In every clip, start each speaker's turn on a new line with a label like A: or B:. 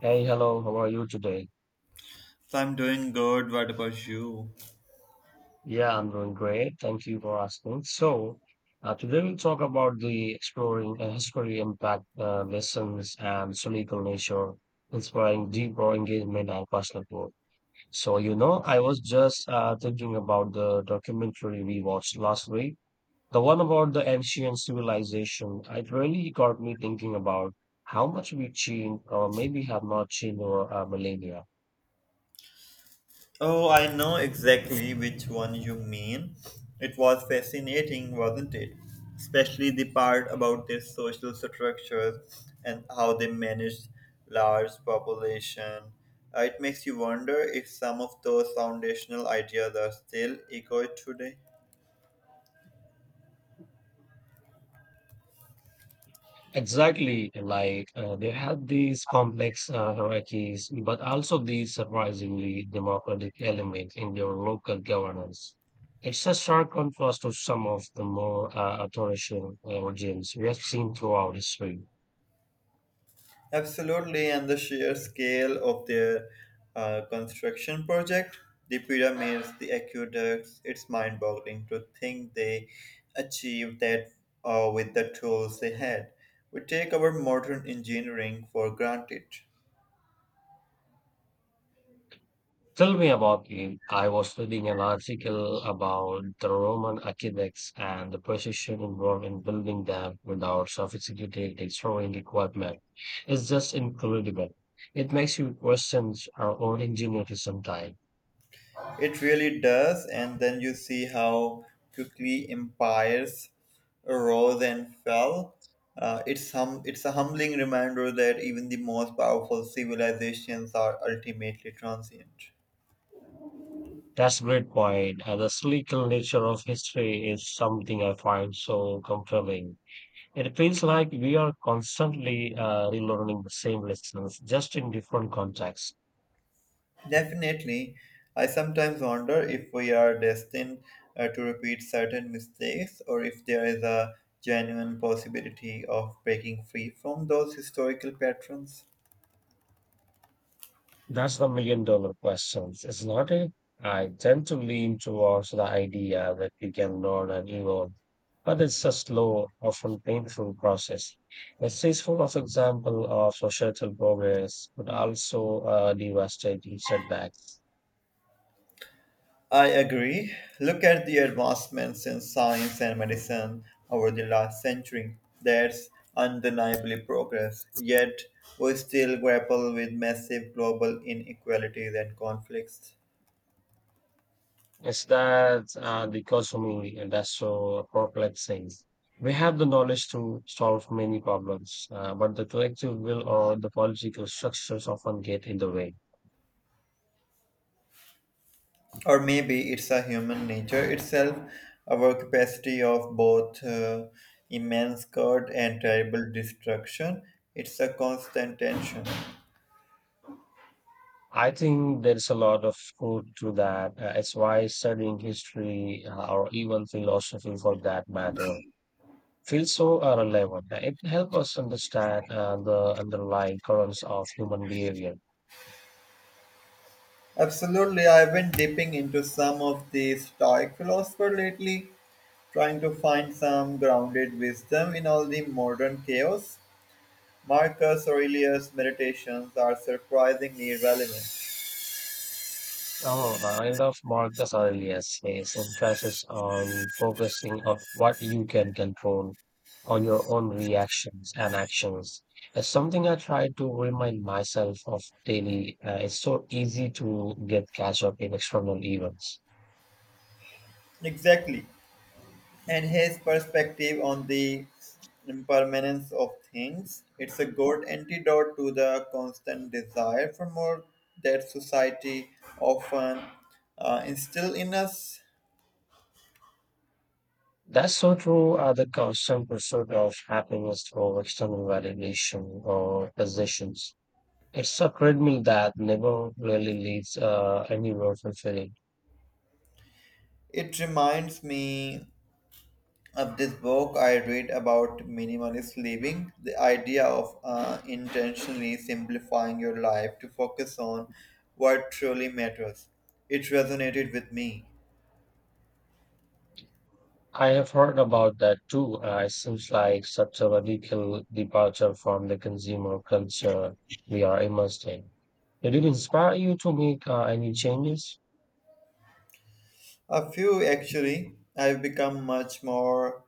A: Hey, hello, how are you today?
B: So I'm doing good. What about you?
A: Yeah, I'm doing great. Thank you for asking. Today we'll talk about the exploring history impact lessons and cynical nature, inspiring deeper engagement and personal growth. I was just thinking about the documentary we watched last week, the one about the ancient civilization. It really got me thinking about how much we changed or maybe have not changed over millennia.
B: Oh, I know exactly which one you mean. It was fascinating, wasn't it? Especially the part about their social structures and how they managed large population. It makes you wonder if some of those foundational ideas are still echoed today.
A: Exactly, like they have these complex hierarchies, but also these surprisingly democratic elements in their local governance. It's a stark contrast to some of the more authoritarian regimes we have seen throughout history.
B: Absolutely, and the sheer scale of their construction project, the pyramids, the aqueducts, it's mind boggling to think they achieved that with the tools they had. We take our modern engineering for granted.
A: Tell me about it. I was reading an article about the Roman architects and the precision involved in building them without sophisticated destroying equipment. It's just incredible. It makes you question our own ingenuity sometimes.
B: It really does, and then you see how quickly empires rose and fell. It's a humbling reminder that even the most powerful civilizations are ultimately transient.
A: That's a great point. And the cyclical nature of history is something I find so compelling. It feels like we are constantly relearning the same lessons, just in different contexts.
B: Definitely, I sometimes wonder if we are destined to repeat certain mistakes or if there is a genuine possibility of breaking free from those historical patterns.
A: That's the million dollar question, isn't it? I tend to lean towards the idea that you can learn and evolve, but it's a slow, often painful process. A successful of example of societal progress but also devastating setbacks.
B: I agree. Look at the advancements in science and medicine over the last century. That's undeniably progress. Yet, we still grapple with massive global inequalities and conflicts.
A: Is that the dichotomy and that's so perplexing? We have the knowledge to solve many problems, but the collective will or the political structures often get in the way.
B: Or maybe it's a human nature itself, our capacity of both immense good and terrible destruction. It's a constant tension.
A: I think there's a lot of truth to that. It's why studying history or even philosophy for that matter feels so relevant. It helps us understand the underlying currents of human behavior.
B: Absolutely, I've been dipping into some of the Stoic philosopher lately, trying to find some grounded wisdom in all the modern chaos. Marcus Aurelius' meditations are surprisingly relevant.
A: Oh, I love Marcus Aurelius. His emphasis on focusing on what you can control, on your own reactions and actions, it's something I try to remind myself of daily. It's so easy to get catch up in external events.
B: Exactly. And his perspective on the impermanence of things. It's a good antidote to the constant desire for more that society often instill in us.
A: That's so true. The constant pursuit of happiness through external validation or possessions. It's a treadmill that never really leads anywhere fulfilling.
B: It reminds me of this book I read about minimalist living, the idea of intentionally simplifying your life to focus on what truly matters. It resonated with me.
A: I have heard about that too. It seems like such a radical departure from the consumer culture we are immersed in. Did it inspire you to make any changes?
B: A few actually. I've become much more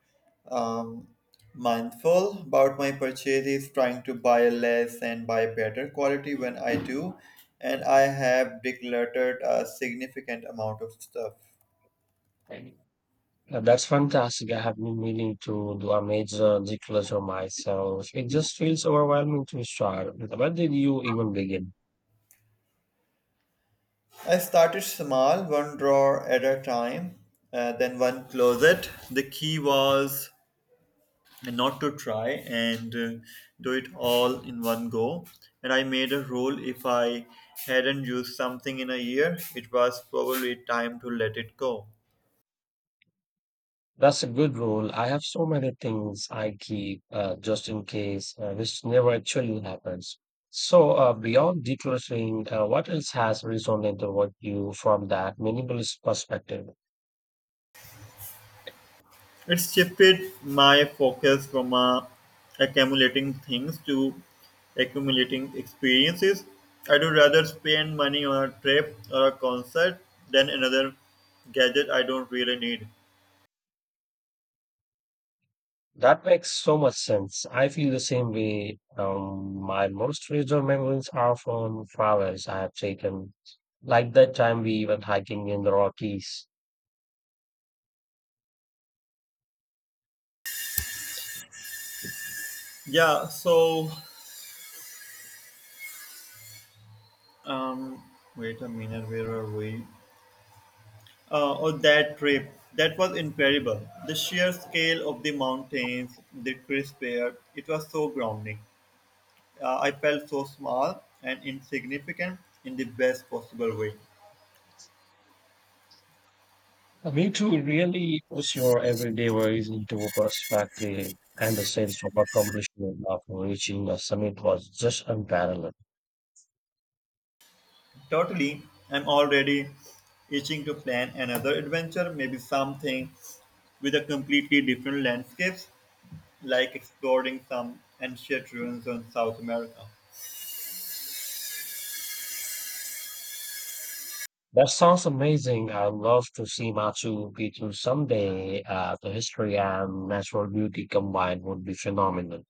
B: um, mindful about my purchases, trying to buy less and buy better quality when I do. And I have decluttered a significant amount of stuff.
A: Any. That's fantastic. I have been meaning to do a major declutter myself. It just feels overwhelming to start. Where did you even begin?
B: I started small, one drawer at a time, then one closet. The key was and not to try and do it all in one go. And I made a rule if I hadn't used something in a year, it was probably time to let it go.
A: That's a good rule. I have so many things I keep just in case, which never actually happens. Beyond decluttering, what else has resonated with you from that minimalist perspective?
B: It shifted my focus from accumulating things to accumulating experiences. I do rather spend money on a trip or a concert than another gadget I don't really need.
A: That makes so much sense. I feel the same way. My most treasured memories are from travels I have taken, like that time we went hiking in the Rockies.
B: Yeah, so um, wait a minute, where are we? Or that trip. That was incredible. The sheer scale of the mountains, the crisp air, it was so grounding. I felt so small and insignificant in the best possible way.
A: Me too. It really puts your everyday worries into perspective, and the sense of accomplishment after reaching the summit was just unparalleled.
B: Totally, I'm already itching to plan another adventure, maybe something with a completely different landscapes, like exploring some ancient ruins in South America.
A: That sounds amazing. I'd love to see Machu Picchu someday. The history and natural beauty combined would be phenomenal.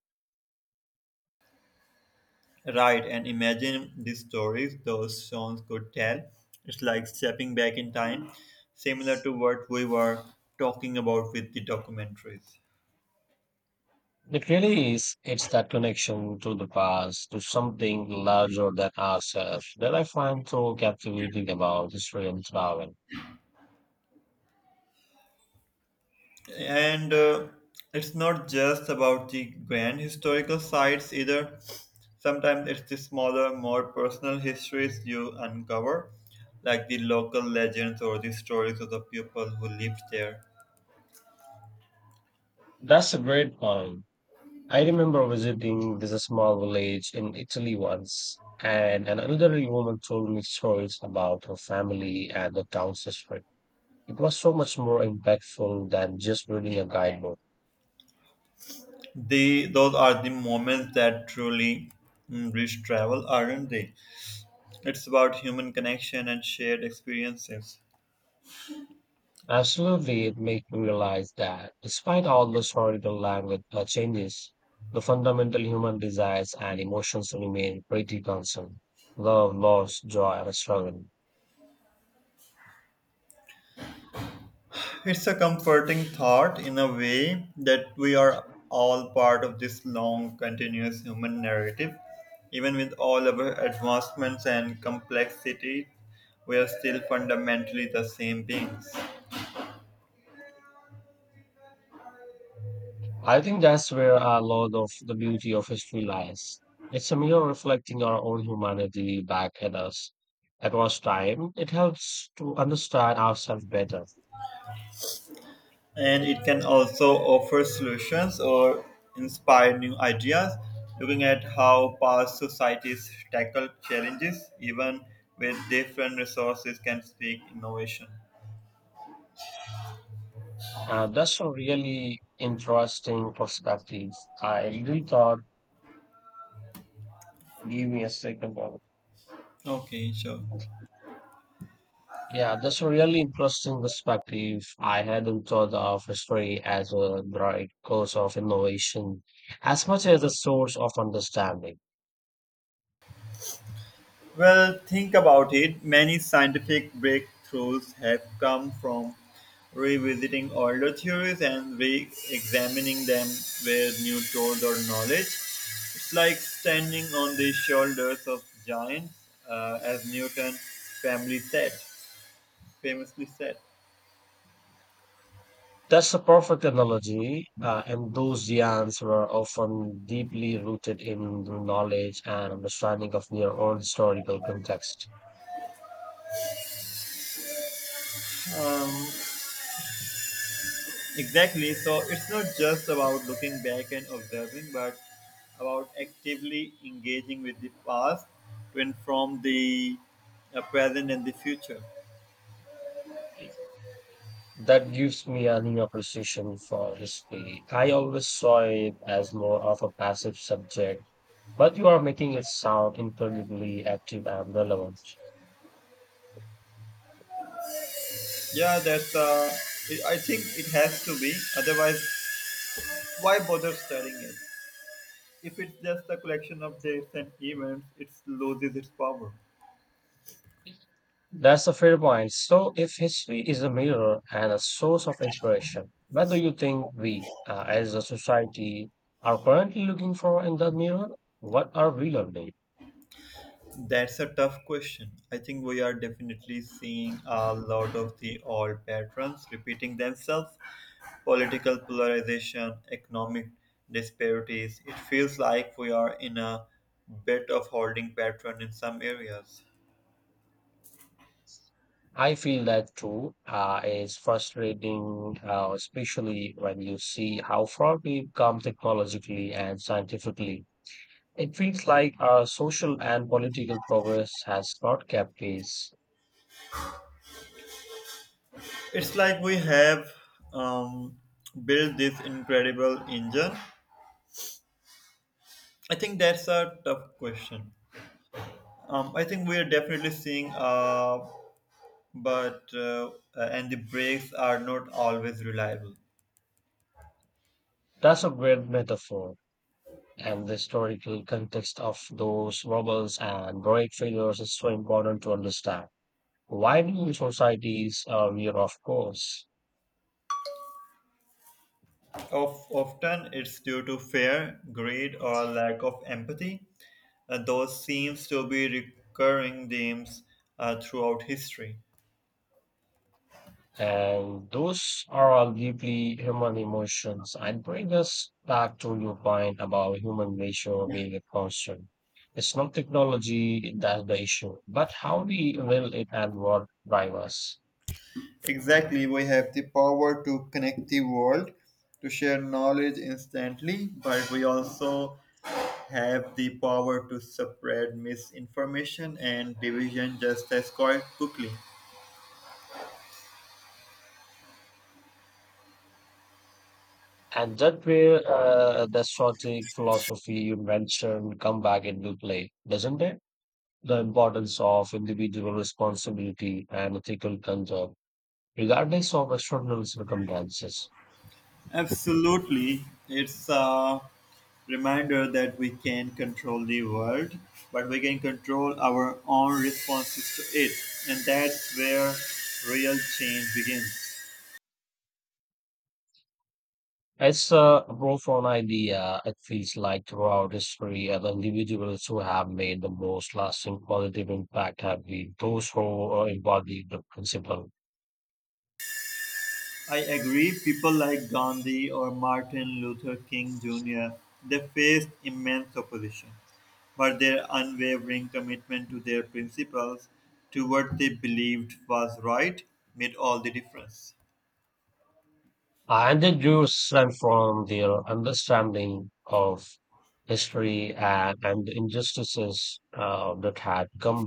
B: Right, and imagine the stories those songs could tell. It's like stepping back in time, similar to what we were talking about with the documentaries.
A: It really is. It's that connection to the past, to something larger than ourselves, that I find so captivating about history and travel.
B: And it's not just about the grand historical sites either. Sometimes it's the smaller, more personal histories you uncover, like the local legends or the stories of the people who lived there.
A: That's a great point. I remember visiting this small village in Italy once, and an elderly woman told me stories about her family and the town's history. It was so much more impactful than just reading a guidebook.
B: Those are the moments that truly enrich travel, aren't they? It's about human connection and shared experiences.
A: Absolutely, it made me realize that despite all the historical language changes, the fundamental human desires and emotions remain pretty constant. Love, loss, joy, and struggle.
B: It's a comforting thought in a way that we are all part of this long, continuous human narrative. Even with all our advancements and complexity, we are still fundamentally the same beings.
A: I think that's where a lot of the beauty of history lies. It's a mirror reflecting our own humanity back at us. At was time, it helps to understand ourselves better.
B: And it can also offer solutions or inspire new ideas, looking at how past societies tackled challenges, even with different resources, can speak innovation.
A: And that's a really interesting perspective. I really thought, give me a second,
B: Okay, sure.
A: yeah, that's a really interesting perspective. I hadn't thought of history as a direct cause of innovation as much as a source of understanding.
B: Well, think about it. Many scientific breakthroughs have come from revisiting older theories and re examining them with new tools or knowledge. It's like standing on the shoulders of giants, as family said, famously said.
A: That's a perfect analogy, and those giants were often deeply rooted in the knowledge and understanding of their own historical context.
B: Um, Exactly. So it's not just about looking back and observing, but about actively engaging with the past to inform the present and the future.
A: That gives me a new appreciation for history. I always saw it as more of a passive subject, but you are making it sound incredibly active and relevant.
B: Yeah, I think it has to be. Otherwise, why bother studying it? If it's just a collection of dates and events, it loses its power.
A: That's a fair point. So, if history is a mirror and a source of inspiration, what do you think we, as a society, are currently looking for in the mirror? What are we learning?
B: That's a tough question. I think we are definitely seeing a lot of the old patterns repeating themselves political polarization, economic disparities. It feels like we are in a bit of holding pattern in some areas.
A: I feel that too. It's frustrating, especially when you see how far we've come technologically and scientifically. It feels like our social and political progress has not kept pace.
B: It's like we have um, built this incredible engine. I think that's a tough question. I think we are definitely seeing a but And the brakes are not always reliable.
A: That's a great metaphor, and the historical context of those rebels and heroic figures is so important to understand. Why do societies veer off course?
B: Often it's due to fear, greed, or lack of empathy. And those seems to be recurring themes throughout history.
A: And those are all deeply human emotions and bring us back to your point about human nature being a constant. It's not technology that's the issue, but how we will it and what drive us.
B: Exactly, we have the power to connect the world, to share knowledge instantly, but we also have the power to spread misinformation and division just as quite quickly.
A: And that where the strategic philosophy you mentioned come back into play, doesn't it? The importance of individual responsibility and ethical control, regardless of external circumstances.
B: Absolutely. It's a reminder that we can control the world, but we can control our own responses to it. And that's where real change begins.
A: It's a profound idea. It feels like throughout history, the individuals who have made the most lasting positive impact have been those who embody the principle.
B: I agree, people like Gandhi or Martin Luther King Jr., they faced immense opposition, but their unwavering commitment to their principles, to what they believed was right, made all the difference.
A: And they do stem from their understanding of history and the injustices that had come